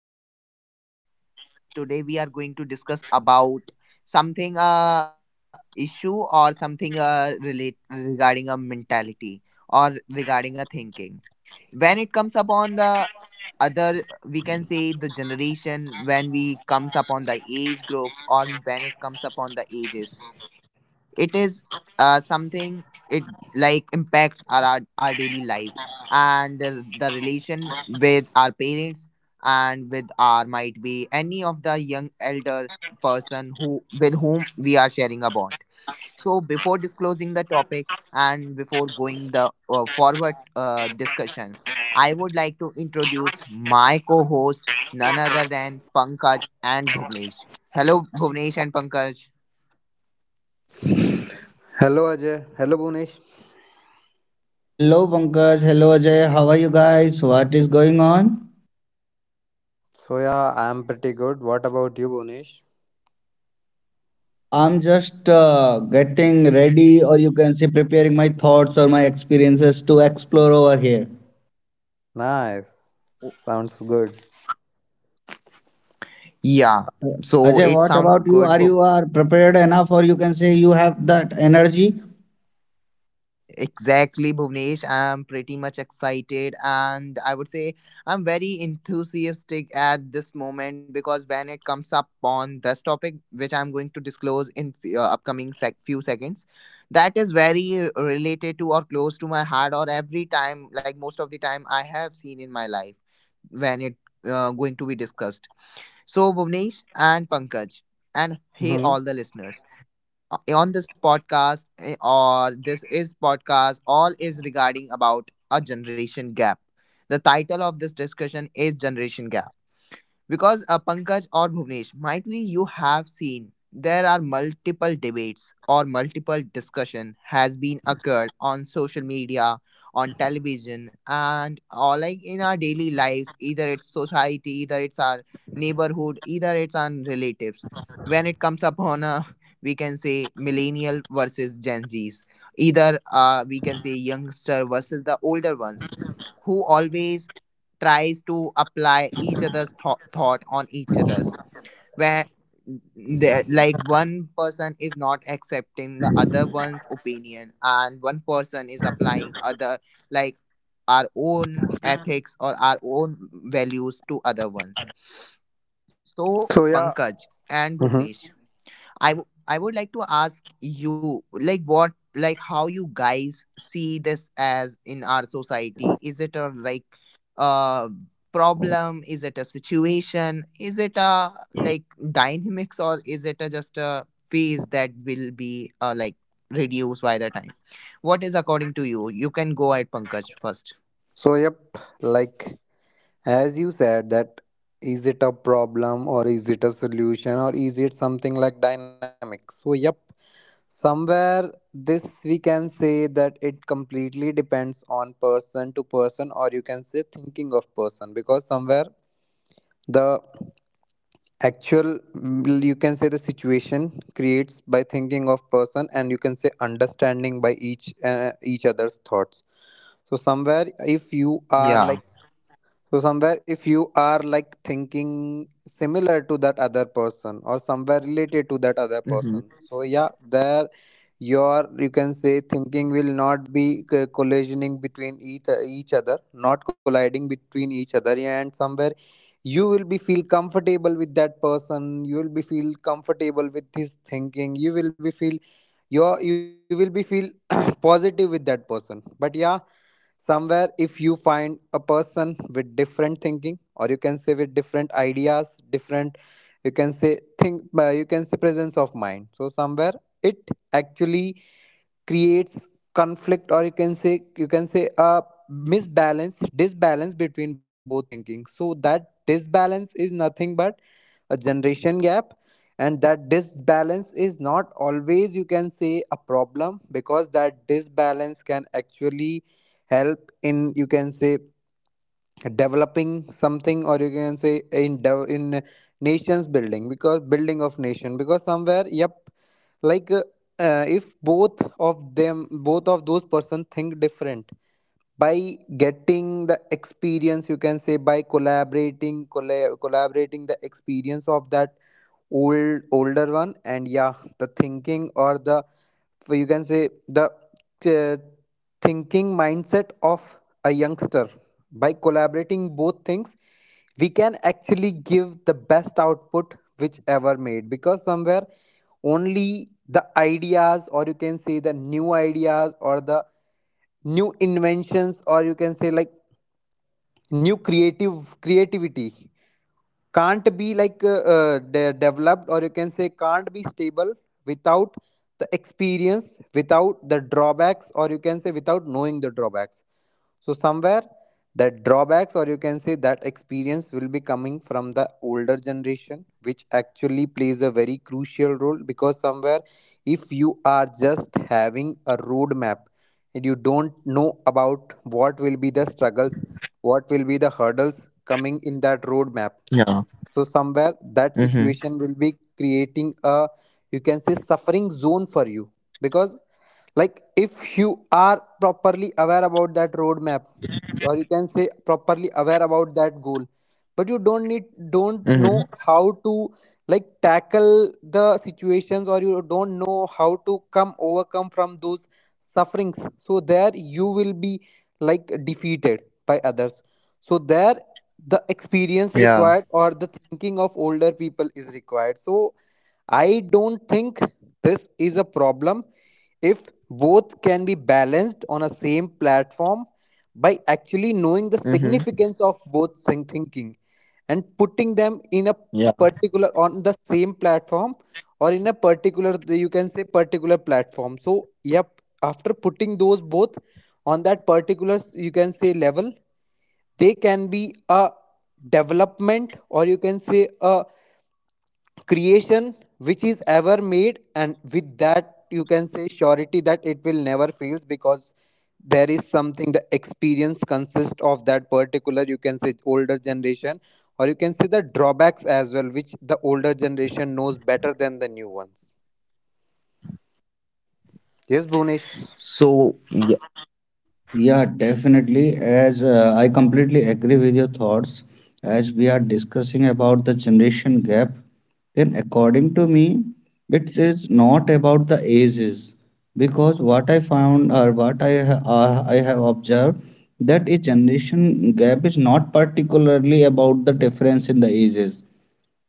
And I'm your host. Today, we are going to discuss about something issue or something relate regarding a mentality or regarding a thinking when it comes upon the other we can say the generation when we comes upon the age group or when it comes upon the ages it is something it like impacts our daily life and the relation with our parents and with our might be any of the young elder person who with whom we are sharing a bond. So before disclosing the topic and before going the forward discussion, I would like to introduce my co-host, none other than Pankaj and Bhuvnesh. Hello, Bhuvnesh and Pankaj. Hello Ajay. Hello Bunish. Hello Pankaj, hello Ajay, how are you guys? What is going on? So yeah, I'm pretty good. What about you, Bunish? Yeah, I'm just getting ready, or you can say preparing my thoughts or my experiences to explore over here. Nice. Sounds good. Yeah, Uh, so Ajay, it what sounds about you? good. Are you are prepared enough, or you can say you have that energy? Exactly, Bhuvnesh. I'm pretty much excited, and I would say I'm very enthusiastic at this moment because when it comes up on this topic, which I'm going to disclose in upcoming few seconds, that is very related to or close to my heart, or every time, like most of the time, I have seen in my life when it going to be discussed. So, Bhuvnesh and Pankaj, and hey, Hmm. all the listeners on this podcast or this is podcast all is regarding about a generation gap. The title of this discussion is generation gap, because Pankaj or Bhuvnesh, might be you have seen there are multiple debates or multiple discussion has been occurred on social media, on television, and or like in our daily lives. Either it's society, either it's our neighborhood, either it's our relatives. When it comes upon a, we can say millennial versus Gen Zs. Either we can say youngster versus the older ones who always tries to apply each other's thought on each other's where the, like one person is not accepting the other one's opinion and one person is applying other like our own ethics or our own values to other ones. So So yeah. Pankaj and Hmm. Bhuvnesh, I would like to ask you, like, what, like, how you guys see this as in our society? Is it a like, uh, problem? Is it a situation? Is it a like dynamics, or is it a, just a phase that will be like reduced by the time? What is according to you? You can go at Pankaj first. So yep. Like as you said, that is it a problem or is it a solution or is it something like dynamic? So yep. Somewhere this we can say that it completely depends on person to person or you can say thinking of person because somewhere the actual you can say the situation creates by thinking of person and you can say understanding by each other's thoughts so somewhere if you are Yeah. like so somewhere if you are like thinking similar to that other person or somewhere related to that other Mm-hmm. person. So yeah, there your you can say thinking will not be collisioning between each other, not colliding between each other and somewhere you will be feel comfortable with that person, you will be feel comfortable with his thinking, you will be feel your you will be feel positive with that person. But yeah, somewhere if you find a person with different thinking or you can say with different ideas different you can say think you can say presence of mind so somewhere it actually creates conflict or you can say a misbalance disbalance between both thinking so that disbalance is nothing but a generation gap, and that disbalance is not always you can say a problem because that disbalance can actually help in you can say developing something or you can say in in nations building because building of nation because somewhere yep like uh, if both of those person think different by getting the experience you can say by collaborating the experience of that old older one and yeah the thinking or the you can say the uh, thinking mindset of a youngster by collaborating both things we can actually give the best output which ever made because somewhere only the ideas or you can say the new ideas or the new inventions or you can say like new creative creativity can't be developed or you can say can't be stable without the experience without the drawbacks or you can say without knowing the drawbacks so somewhere that drawbacks or you can say that experience will be coming from the older generation which actually plays a very crucial role because somewhere if you are just having a roadmap and you don't know about what will be the struggles what will be the hurdles coming in that roadmap Yeah. so somewhere that Mm-hmm. situation will be creating a you can say suffering zone for you because like if you are properly aware about that roadmap or you can say properly aware about that goal but you don't Mm-hmm. know how to like tackle the situations or you don't know how to come overcome from those sufferings so there you will be like defeated by others so there the experience Yeah. required or the thinking of older people is required so I don't think this is a problem if both can be balanced on a same platform by actually knowing the Mm-hmm. significance of both thinking and putting them in a Yeah. particular on the same platform or in a particular you can say particular platform so yep after putting those both on that particular you can say level they can be a development or you can say a creation which is ever made and with that you can say surety that it will never fail because there is something the experience consists of that particular you can say older generation or you can say the drawbacks as well which the older generation knows better than the new ones. Yes, Bhunesh. So Yeah, definitely. As I completely agree with your thoughts, as we are discussing about the generation gap. Then according to me, it is not about the ages, because what I found or what I have observed that a generation gap is not particularly about the difference in the ages.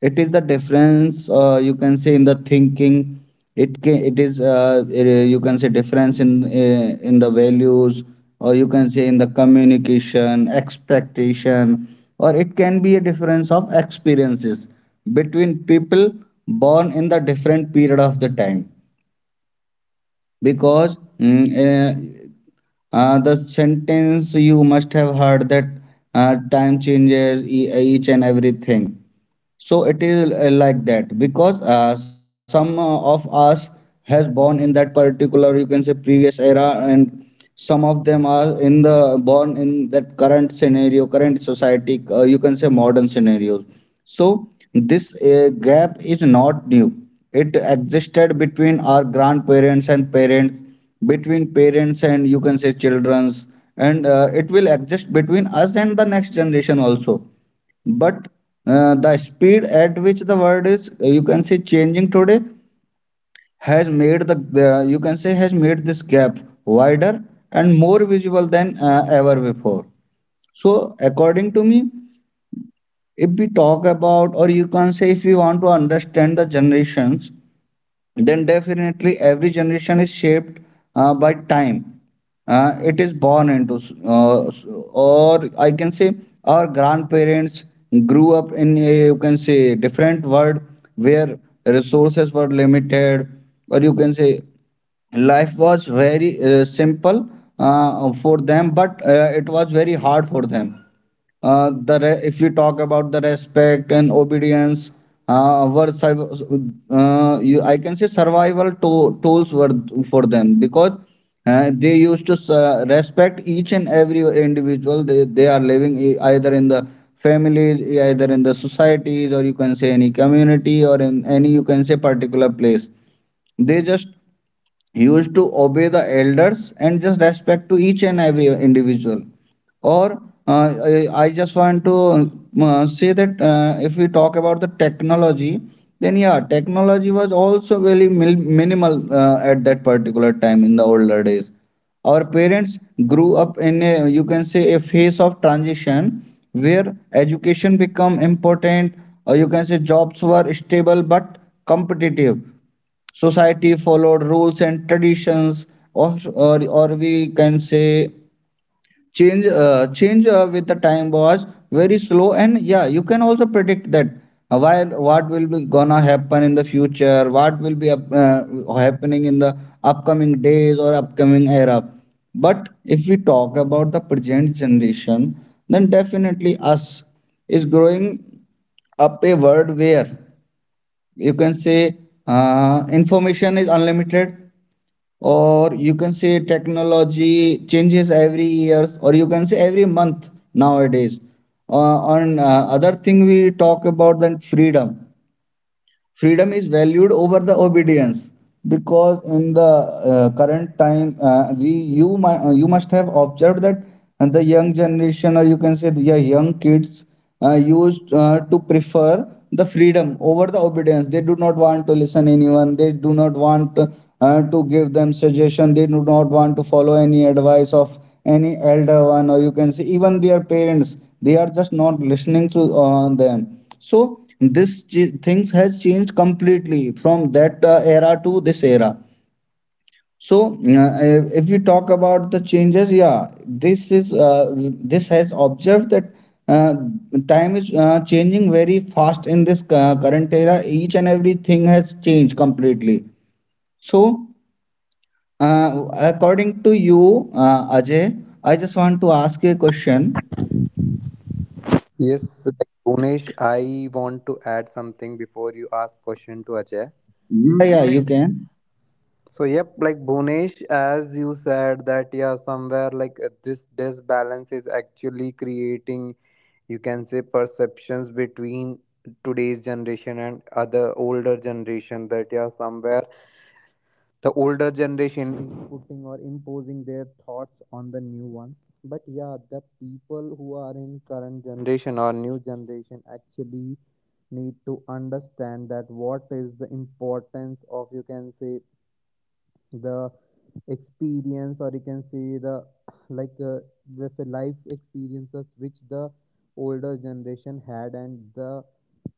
It is the difference, you can say in the thinking. It is you can say difference in, in the values, or you can say in the communication expectation, or it can be a difference of experiences between people born in the different period of the time. Because the sentence you must have heard that, time changes each and everything. So it is like that, because some of us has born in that particular, you can say, previous era, and some of them are in the born in that current scenario, current society, you can say modern scenarios. So this gap is not new. It existed between our grandparents and parents, between parents and you can say children's, and it will exist between us and the next generation also. But the speed at which the world is, you can say, changing today has made the you can say has made this gap wider and more visible than ever before. So according to me, if we talk about, or you can say, if we want to understand the generations, then definitely every generation is shaped by time it is born into. uh, or I can say, our grandparents grew up in a, you can say, different world, where resources were limited, or you can say life was very simple for them, but it was very hard for them. Uh, the re- If we talk about the respect and obedience, our I can say tools were for them, because they used to respect each and every individual. They are living, either in the families, either in the societies, or you can say any community, or in any you can say particular place. They just he used to obey the elders and just respect to each and every individual. Or I just want to say that, if we talk about the technology, then yeah, technology was also very minimal at that particular time in the older days. Our parents grew up in a, you can say, a phase of transition, where education become important, or you can say jobs were stable but competitive. Society followed rules and traditions, or we can say change, with the time was very slow, and yeah, you can also predict that, while what will be gonna happen in the future, what will be happening in the upcoming days or upcoming era. But if we talk about the present generation, then definitely us is growing up a world where, you can say, information is unlimited, or you can say technology changes every years, or you can say every month nowadays. On Other thing we talk about, then freedom, freedom is valued over the obedience, because in the current time, you must have observed that. And the young generation, or you can say the young kids, used to prefer the freedom over the obedience. They do not want to listen anyone, they do not want to give them suggestion, they do not want to follow any advice of any elder one, or you can say even their parents. They are just not listening to them. So this things has changed completely from that era to this era. So if we talk about the changes, yeah, this is this has observed that uh, time is changing very fast in this current era. Each and everything has changed completely. So uh, according to you, Ajay, I just want to ask you a question. Yes, like, Bhunesh, I want to add something before you ask question to Ajay. Yeah, yeah, you can. So yep, like Bhunesh, as you said that yeah, somewhere this disbalance is actually creating you can say perceptions between today's generation and other older generation that yeah somewhere the older generation is putting or imposing their thoughts on the new ones. But yeah, the people who are in current generation or new generation actually need to understand that what is the importance of you can say the experience or you can say the like uh, with the life experiences which the older generation had and the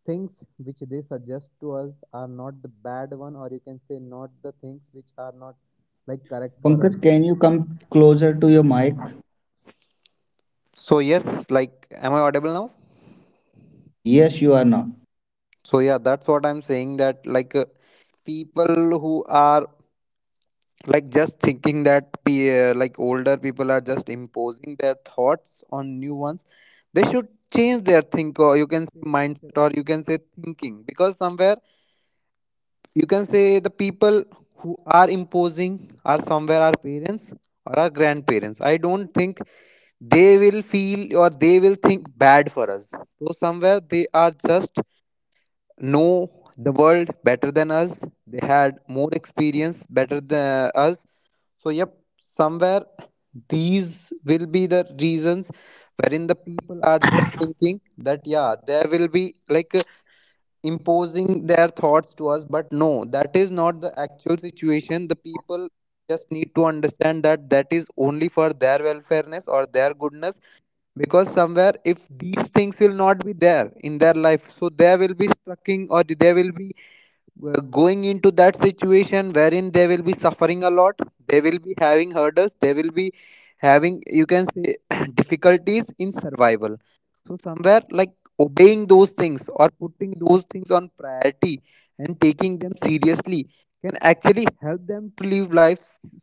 things which they suggest to us are not the bad one or you can say not the things which are not like correct for Pankaj, us. can you come closer to your mic? So yes, like, am I audible now? Yes, you are now. So yeah, that's what I'm saying that people who are like just thinking that like older people are just imposing their thoughts on new ones, they should change their think or you can say mindset or you can say thinking because somewhere you can say the people who are imposing are somewhere our parents or our grandparents. I don't think they will feel or they will think bad for us so somewhere they are just know the world better than us, they had more experience better than us. So, yep, somewhere these will be the reasons wherein the people are just thinking that, yeah, they will be imposing their thoughts to us, but no, that is not the actual situation. The people just need to understand that that is only for their welfareness or their goodness because somewhere if these things will not be there in their life so they will be stucking or they will be were going into that situation wherein they will be suffering a lot, they will be having hurdles, they will be having you can say difficulties in survival so somewhere like obeying those things or putting those things on priority and taking them seriously can actually help them to live life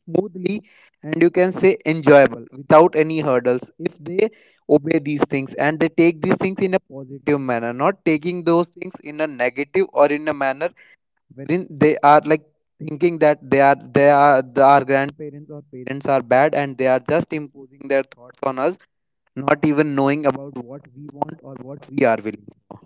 smoothly and you can say enjoyable without any hurdles if they obey these things and they take these things in a positive manner, not taking those things in a negative or in a manner wherein they are like thinking that they are the, our grandparents or parents are bad and they are just imposing their thoughts on us not even knowing about what we want or what we are willing for.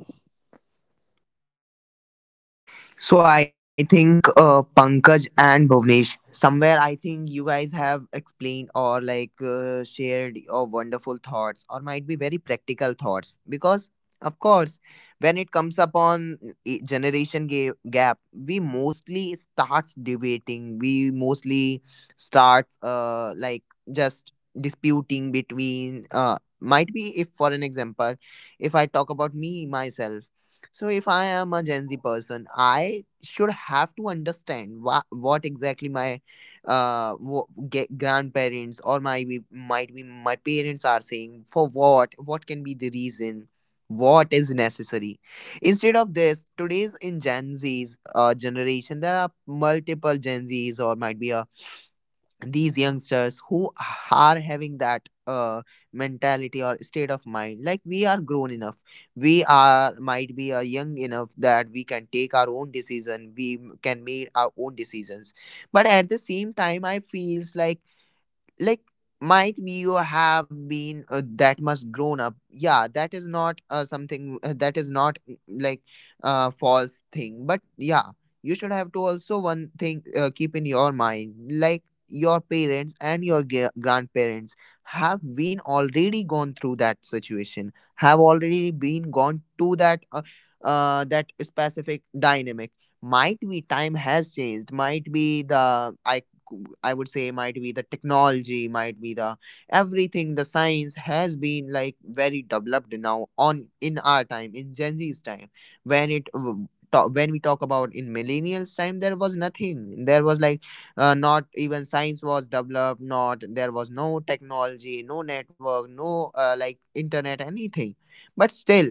so I think Pankaj and Bhuvnesh, somewhere I think you guys have explained or like shared your wonderful thoughts or might be very practical thoughts because of course when it comes upon generation gap we mostly starts debating we mostly starts like just disputing between might be if for an example if I talk about me myself. So if I am a Gen Z person, I should have to understand what exactly my grandparents or my might be my parents are saying, for what can be the reason, what is necessary. Instead of this today's in Gen Z's generation, there are multiple Gen Zs or might be a these youngsters who are having that mentality or state of mind like we are grown enough, we are might be young enough that we can take our own decision, we can make our own decisions. But at the same time I feels like might be you have been that much grown up. Yeah, that is not something, that is not like false thing. But yeah, you should have to also one thing keep in your mind like your parents and your grandparents have been already gone through that situation, have already been gone to that that specific dynamic. Might be time has changed, might be the, I would say might be the technology, might be the everything. The science has been like very developed now on in our time, in Gen Z's time, when it. W- ta- When we talk about in millennials time, there was nothing. There was like not even science was developed. Not there was no technology, no network, no like internet, anything. But still,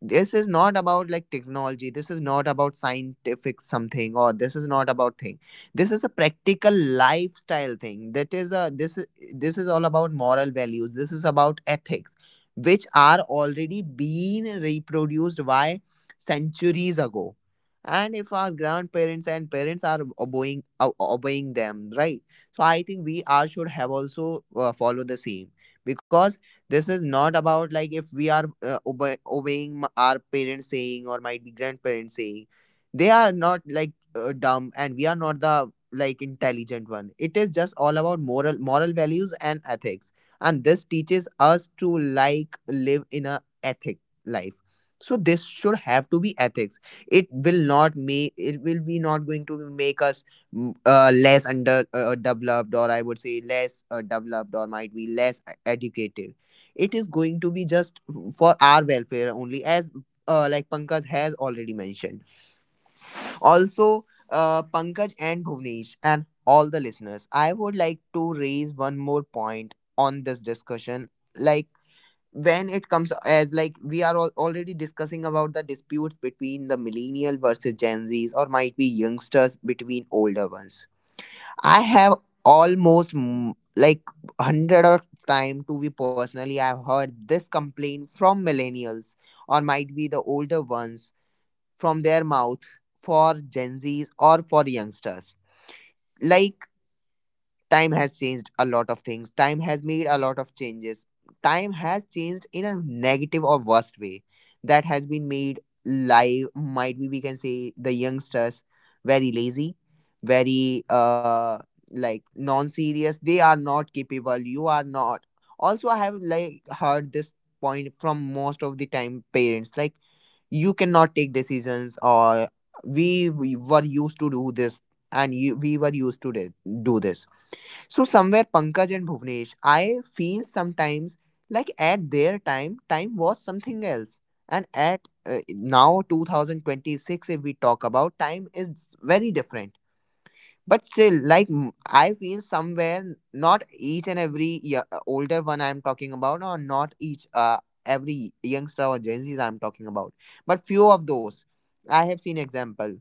this is not about like technology, this is not about scientific something, or this is not about thing. This is a practical lifestyle thing. That is a this is all about moral values, this is about ethics, which are already being reproduced by centuries ago. And if our grandparents and parents are obeying them, right? So I think we are should have also follow the same, because this is not about like if we are obeying our parents saying or might be grandparents saying. They are not like dumb and we are not the like intelligent one. It is just all about moral values and ethics. And this teaches us to like live in a ethic life. So this should have to be ethics. It will not make it will be not going to make us less under developed, or I would say less developed or might be less educated. It is going to be just for our welfare only, as like Pankaj has already mentioned. Also, Pankaj and Bhuvnesh and all the listeners, I would like to raise one more point on this discussion. Like, when it comes as like we are already discussing about the disputes between the millennial versus Gen Z's or might be youngsters between older ones, I have almost like hundred of time to be personally. I've heard this complaint from millennials or might be the older ones from their mouth for Gen Zs or for youngsters. Like time has changed a lot of things, time has made a lot of changes, time has changed in a negative or worst way that has been made live might be we can say the youngsters very lazy, very like non-serious, they are not capable, you are not. Also I have like heard this point from most of the time parents like you cannot take decisions or we were used to do this and you, we were used to do this. So somewhere Pankaj and Bhuvnesh, I feel sometimes like at their time, time was something else. And at now 2026, if we talk about time, is very different. But still, like I feel somewhere, not each and every older one I'm talking about, or not each every youngster or Gen Zs I'm talking about, but few of those I have seen example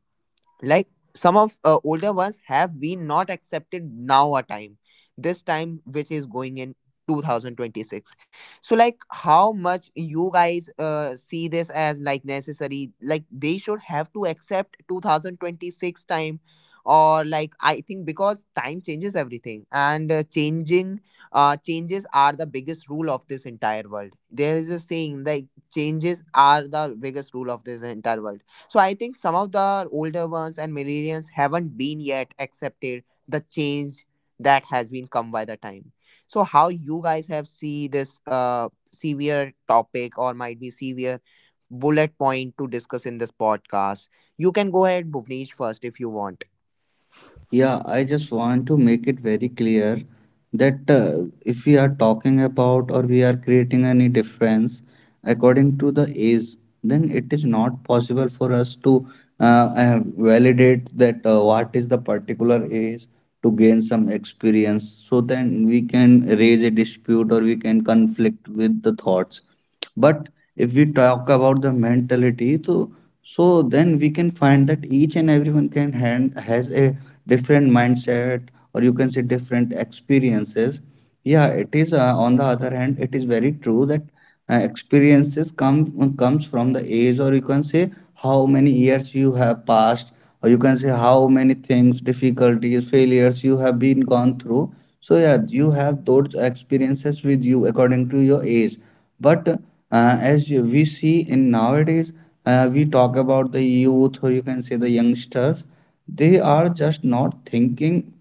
like some of older ones have we not accepted now a time this time which is going in 2026. So like how much you guys see this as like necessary, like they should have to accept 2026 time. Or like I think because time changes everything and changing changes are the biggest rule of this entire world. There is a saying like changes are the biggest rule of this entire world. So I think some of the older ones and millennials haven't been yet accepted the change that has been come by the time. So how you guys have see this severe topic or might be severe bullet point to discuss in this podcast? You can go ahead, Bhuvnesh, first if you want. Yeah, I just want to make it very clear that if we are talking about, or we are creating any difference according to the age, then it is not possible for us to uh, validate that what is the particular age to gain some experience. So then we can raise a dispute, or we can conflict with the thoughts. But if we talk about the mentality, so so then we can find that each and everyone can hand has a different mindset, or you can say different experiences. Yeah, it is on the other hand, it is very true that experiences comes from the age, or you can say how many years you have passed, or you can say how many things, difficulties, failures you have been gone through. So yeah, you have those experiences with you according to your age. But we see in nowadays, we talk about the youth, or you can say the youngsters, they are just not thinking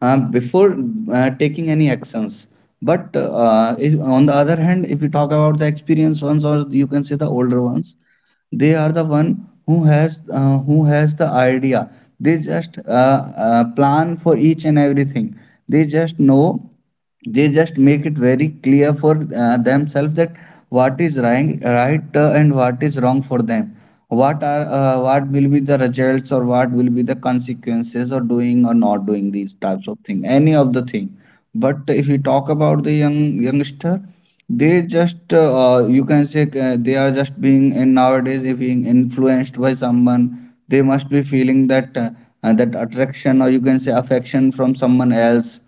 before taking any actions. But if, on the other hand, if you talk about the experienced ones, or you can say the older ones, they are the one who has the idea. They just plan for each and everything. They just know, they just make it very clear for themselves that what is right, and what is wrong for them, what are what will be the results, or what will be the consequences of doing or not doing these types of thing, any of the thing. But if you talk about the young youngster, they just you can say they are just being, and nowadays if being influenced by someone, they must be feeling that, that attraction, or you can say affection from someone else,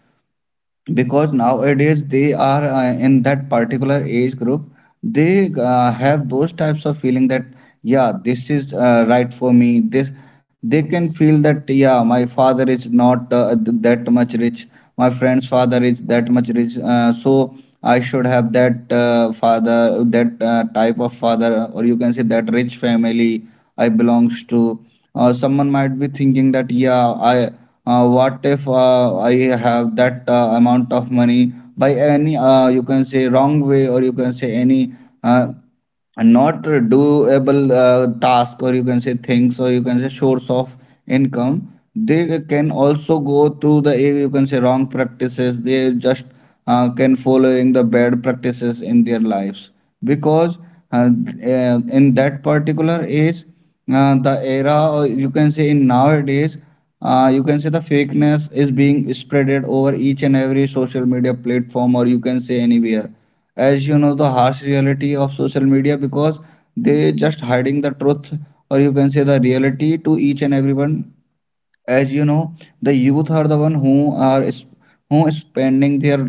because nowadays they are in that particular age group, they have those types of feeling that yeah, this is right for me. This they can feel that yeah, my father is not that much rich, my friend's father is that much rich, so I should have that father, that type of father, or you can say that rich family I belongs to. Someone might be thinking that yeah, I what if I have that amount of money by any you can say wrong way, or you can say any uh, and not doable task, or you can say things, or you can say source of income. They can also go through the you can say wrong practices. They just can following the bad practices in their lives, because uh, in that particular age, the era, or you can say in nowadays, you can say the fakeness is being spreaded over each and every social media platform, or you can say anywhere. As you know, the harsh reality of social media, because they just hiding the truth, or you can say the reality to each and everyone. As you know, the youth are the one who who is spending their,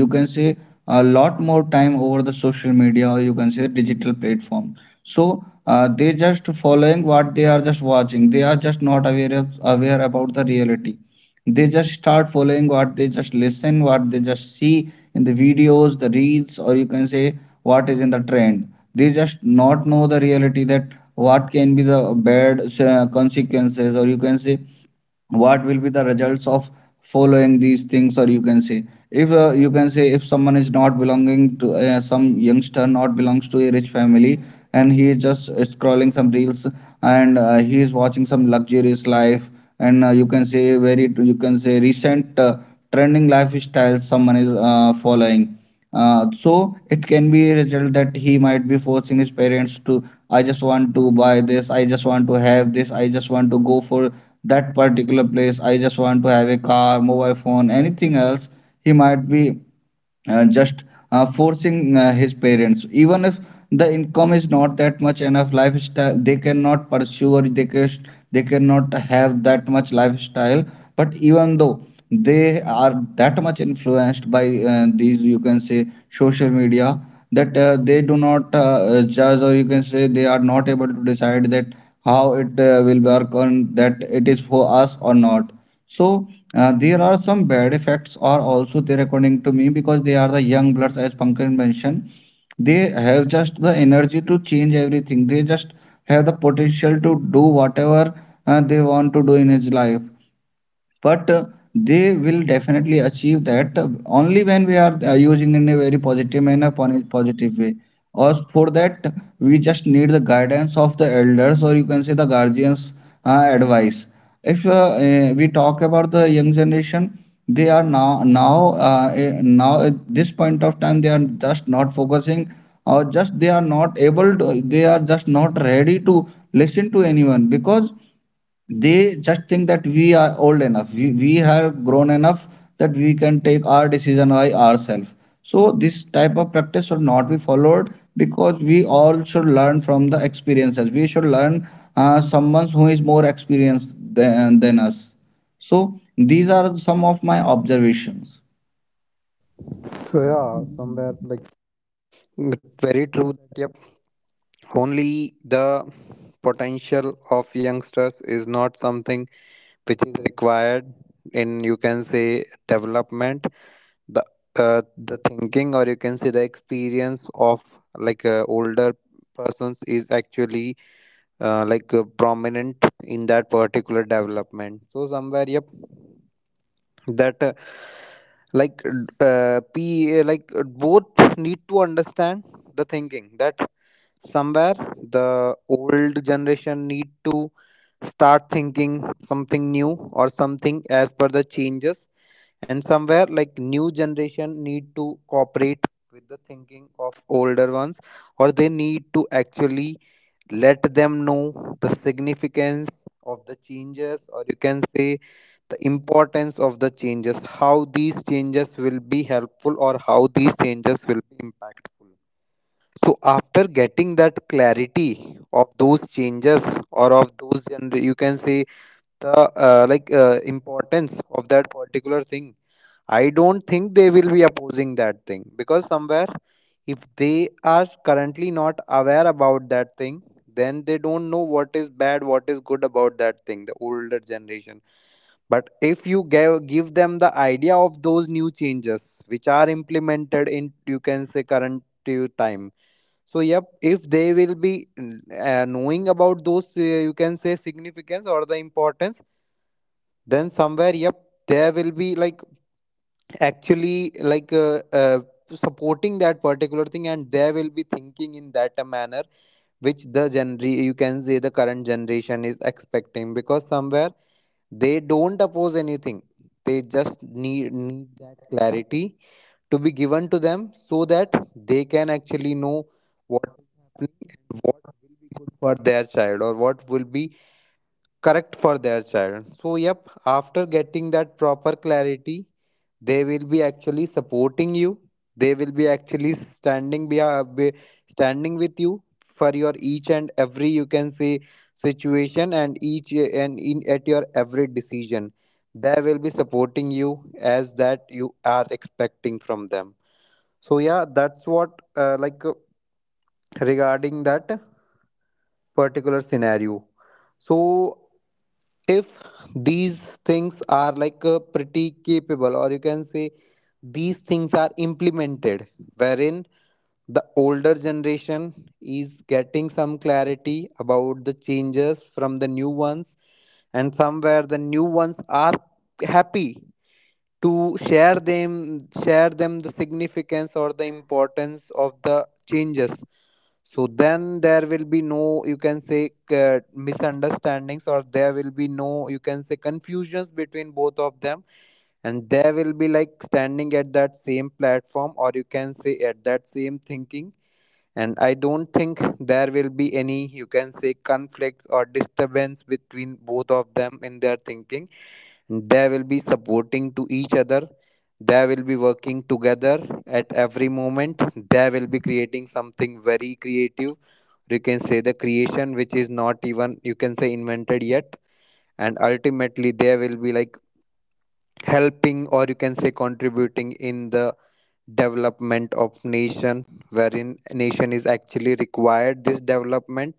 you can say, a lot more time over the social media, or you can say digital platform. So they just following what they are just watching. They are just not aware aware about the reality. They just start following what they just listen, what they just see in the videos, the reels, or you can say what is in the trend. They just not know the reality, that what can be the bad consequences, or you can say what will be the results of following these things, or you can say if you can say if someone is not belonging to some youngster not belongs to a rich family, and he is just scrolling some reels, and he is watching some luxurious life, and you can say very you can say recent trending lifestyles someone is following. So it can be a result that he might be forcing his parents to, I just want to buy this, I just want to have this, I just want to go for that particular place, I just want to have a car, mobile phone, anything else. He might be just forcing his parents, even if the income is not that much enough, lifestyle they cannot pursue, or they cannot have that much lifestyle. But even though, they are that much influenced by these you can say social media, that they do not judge, or you can say they are not able to decide that how it will work on, that it is for us or not. So there are some bad effects are also there according to me, because they are the young bloods, as Pankaj mentioned. They have just the energy to change everything. They just have the potential to do whatever they want to do in his life. But they will definitely achieve that only when we are using in a very positive manner, positive way. Or for that, we just need the guidance of the elders, or you can say the guardians advice. If we talk about the young generation, they are now at this point of time, they are just not focusing, or just they are not able to, they are just not ready to listen to anyone, because they just think that we are old enough, we have grown enough that we can take our decision by ourselves. So this type of practice should not be followed, because we all should learn from the experiences. We should learn someone who is more experienced than us. So these are some of my observations. So yeah, somewhere like it's very true that yep only the potential of youngsters is not something which is required in you can say development. The the thinking or you can say the experience of older persons is actually prominent in that particular development so somewhere yep that like p like both need to understand the thinking that somewhere the old generation need to start thinking something new or something as per the changes, and somewhere like new generation need to cooperate with the thinking of older ones or they need to actually let them know the significance of the changes or you can say the importance of the changes, how these changes will be helpful or how these changes will be impactful. So after getting that clarity of those changes or of those you can say the importance of that particular thing, I don't think they will be opposing that thing because somewhere if they are currently not aware about that thing, then they don't know what is bad, what is good about that thing, the older generation. But if you give them the idea of those new changes which are implemented in, you can say, current to time. So, yep, if they will be knowing about those, you can say, significance or the importance, then somewhere, yep, there will be like actually supporting that particular thing and they will be thinking in that a manner which the gener you can say the current generation is expecting because somewhere they don't oppose anything, they just need that clarity to be given to them so that they can actually know what is happening and what will be good for their child or what will be correct for their child. So, yep, after getting that proper clarity, they will be actually supporting you. They will be actually standing be standing with you for your each and every you can say situation and each and in at your every decision. They will be supporting you as that you are expecting from them. So yeah, that's what regarding that particular scenario. So if these things are pretty capable or you can say these things are implemented wherein the older generation is getting some clarity about the changes from the new ones and somewhere the new ones are happy to share them the significance or the importance of the changes so then there will be no you can say misunderstandings or there will be no you can say confusions between both of them and they will be like standing at that same platform or you can say at that same thinking, and I don't think there will be any you can say conflicts or disturbance between both of them in their thinking. They will be supporting to each other, they will be working together at every moment, they will be creating something very creative, you can say the creation which is not even you can say invented yet, and ultimately they will be like helping or you can say contributing in the development of nation wherein nation is actually required this development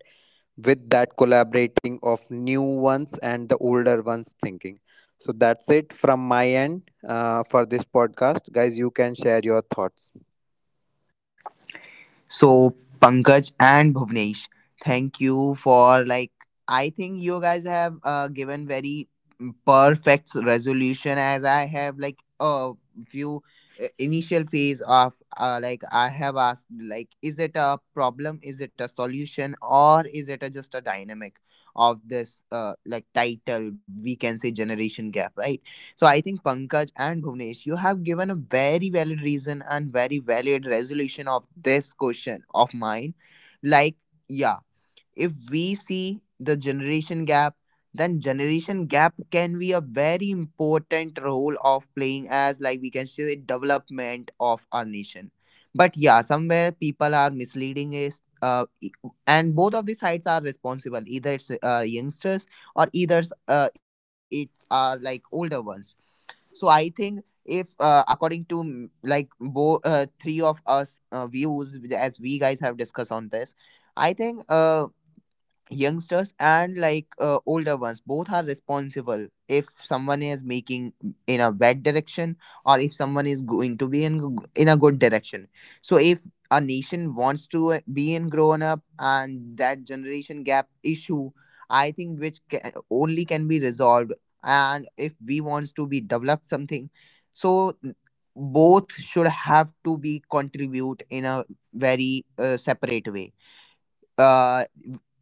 with that collaborating of new ones and the older ones thinking. So that's it from my end for this podcast. Guys, you can share your thoughts. So Pankaj and Bhuvnesh, thank you for like I think you guys have given very perfect resolution, as I have like a few initial phase of like I have asked like is it a problem, is it a solution, or is it a, just a dynamic of this like title we can say generation gap, right? So I think Pankaj and Bhuvnesh, you have given a very valid reason and very valid resolution of this question of mine. Like, yeah, if we see the generation gap, then generation gap can be a very important role of playing as like we can say development of our nation. But yeah, somewhere people are misleading is and both of the sides are responsible. Either it's youngsters or either it's are like older ones. So I think if according to like both three of us views as we guys have discussed on this, I think youngsters and like older ones both are responsible if someone is making in a bad direction or if someone is going to be in in a good direction. So if a nation wants to be in grown up, and that generation gap issue I think which only can be resolved, and if we wants to be developed something, so n- both should have to be contribute in a very separate way. uh,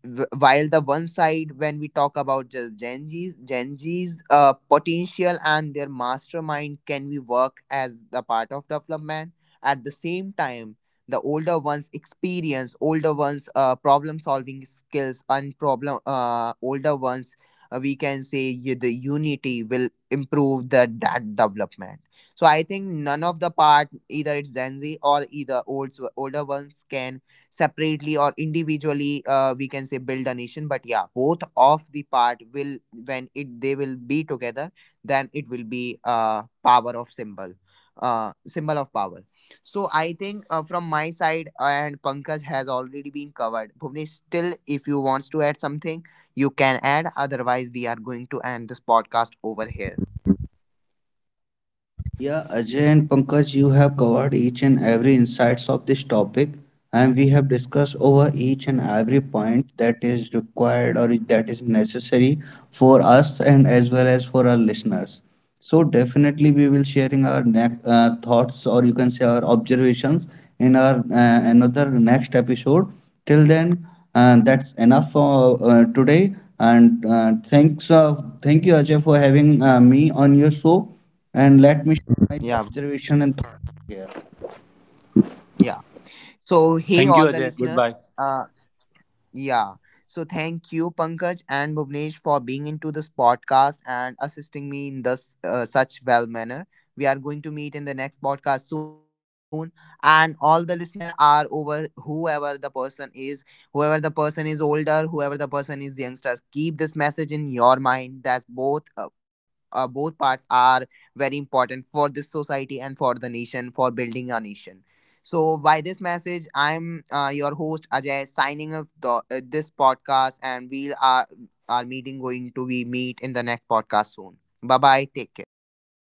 while the one side when we talk about just Gen Z's, Gen Z's potential and their mastermind can we work as the part of development. At the same time, the older ones experience, older ones problem solving skills and problem older ones we can say you, the unity will improve the that development. So I think none of the part, either it's Gen Z or either old older ones, can separately or individually we can say build a nation. But yeah, both of the part will when it they will be together, then it will be power of symbol symbol of power. So I think from my side and Pankaj has already been covered, Bhuvnesh still if you wants to add something you can add, otherwise we are going to end this podcast over here. Yeah, Ajay and Pankaj, you have covered each and every insights of this topic, and we have discussed over each and every point that is required, or that is necessary for us, and as well as for our listeners. So definitely we will sharing our thoughts, or you can say our observations, in our another next episode. Till then, that's enough for today. And thank you Ajay for having me on your show. And let me share my Yeah. observation and thoughts here. Yeah. So hey Thank you, all the Ajay. listeners, Goodbye. Yeah. So thank you, Pankaj and Bhuvnesh, for being into this podcast and assisting me in this such well manner. We are going to meet in the next podcast soon, and all the listener are over whoever the person is, whoever the person is older, whoever the person is youngsters. Keep this message in your mind that both. Both parts are very important for this society and for the nation, for building a nation. So, by this message, I'm your Ajay signing off the, this podcast, and we'll our meeting going to be meet in the next podcast soon. Bye bye. Take care. Goodbye.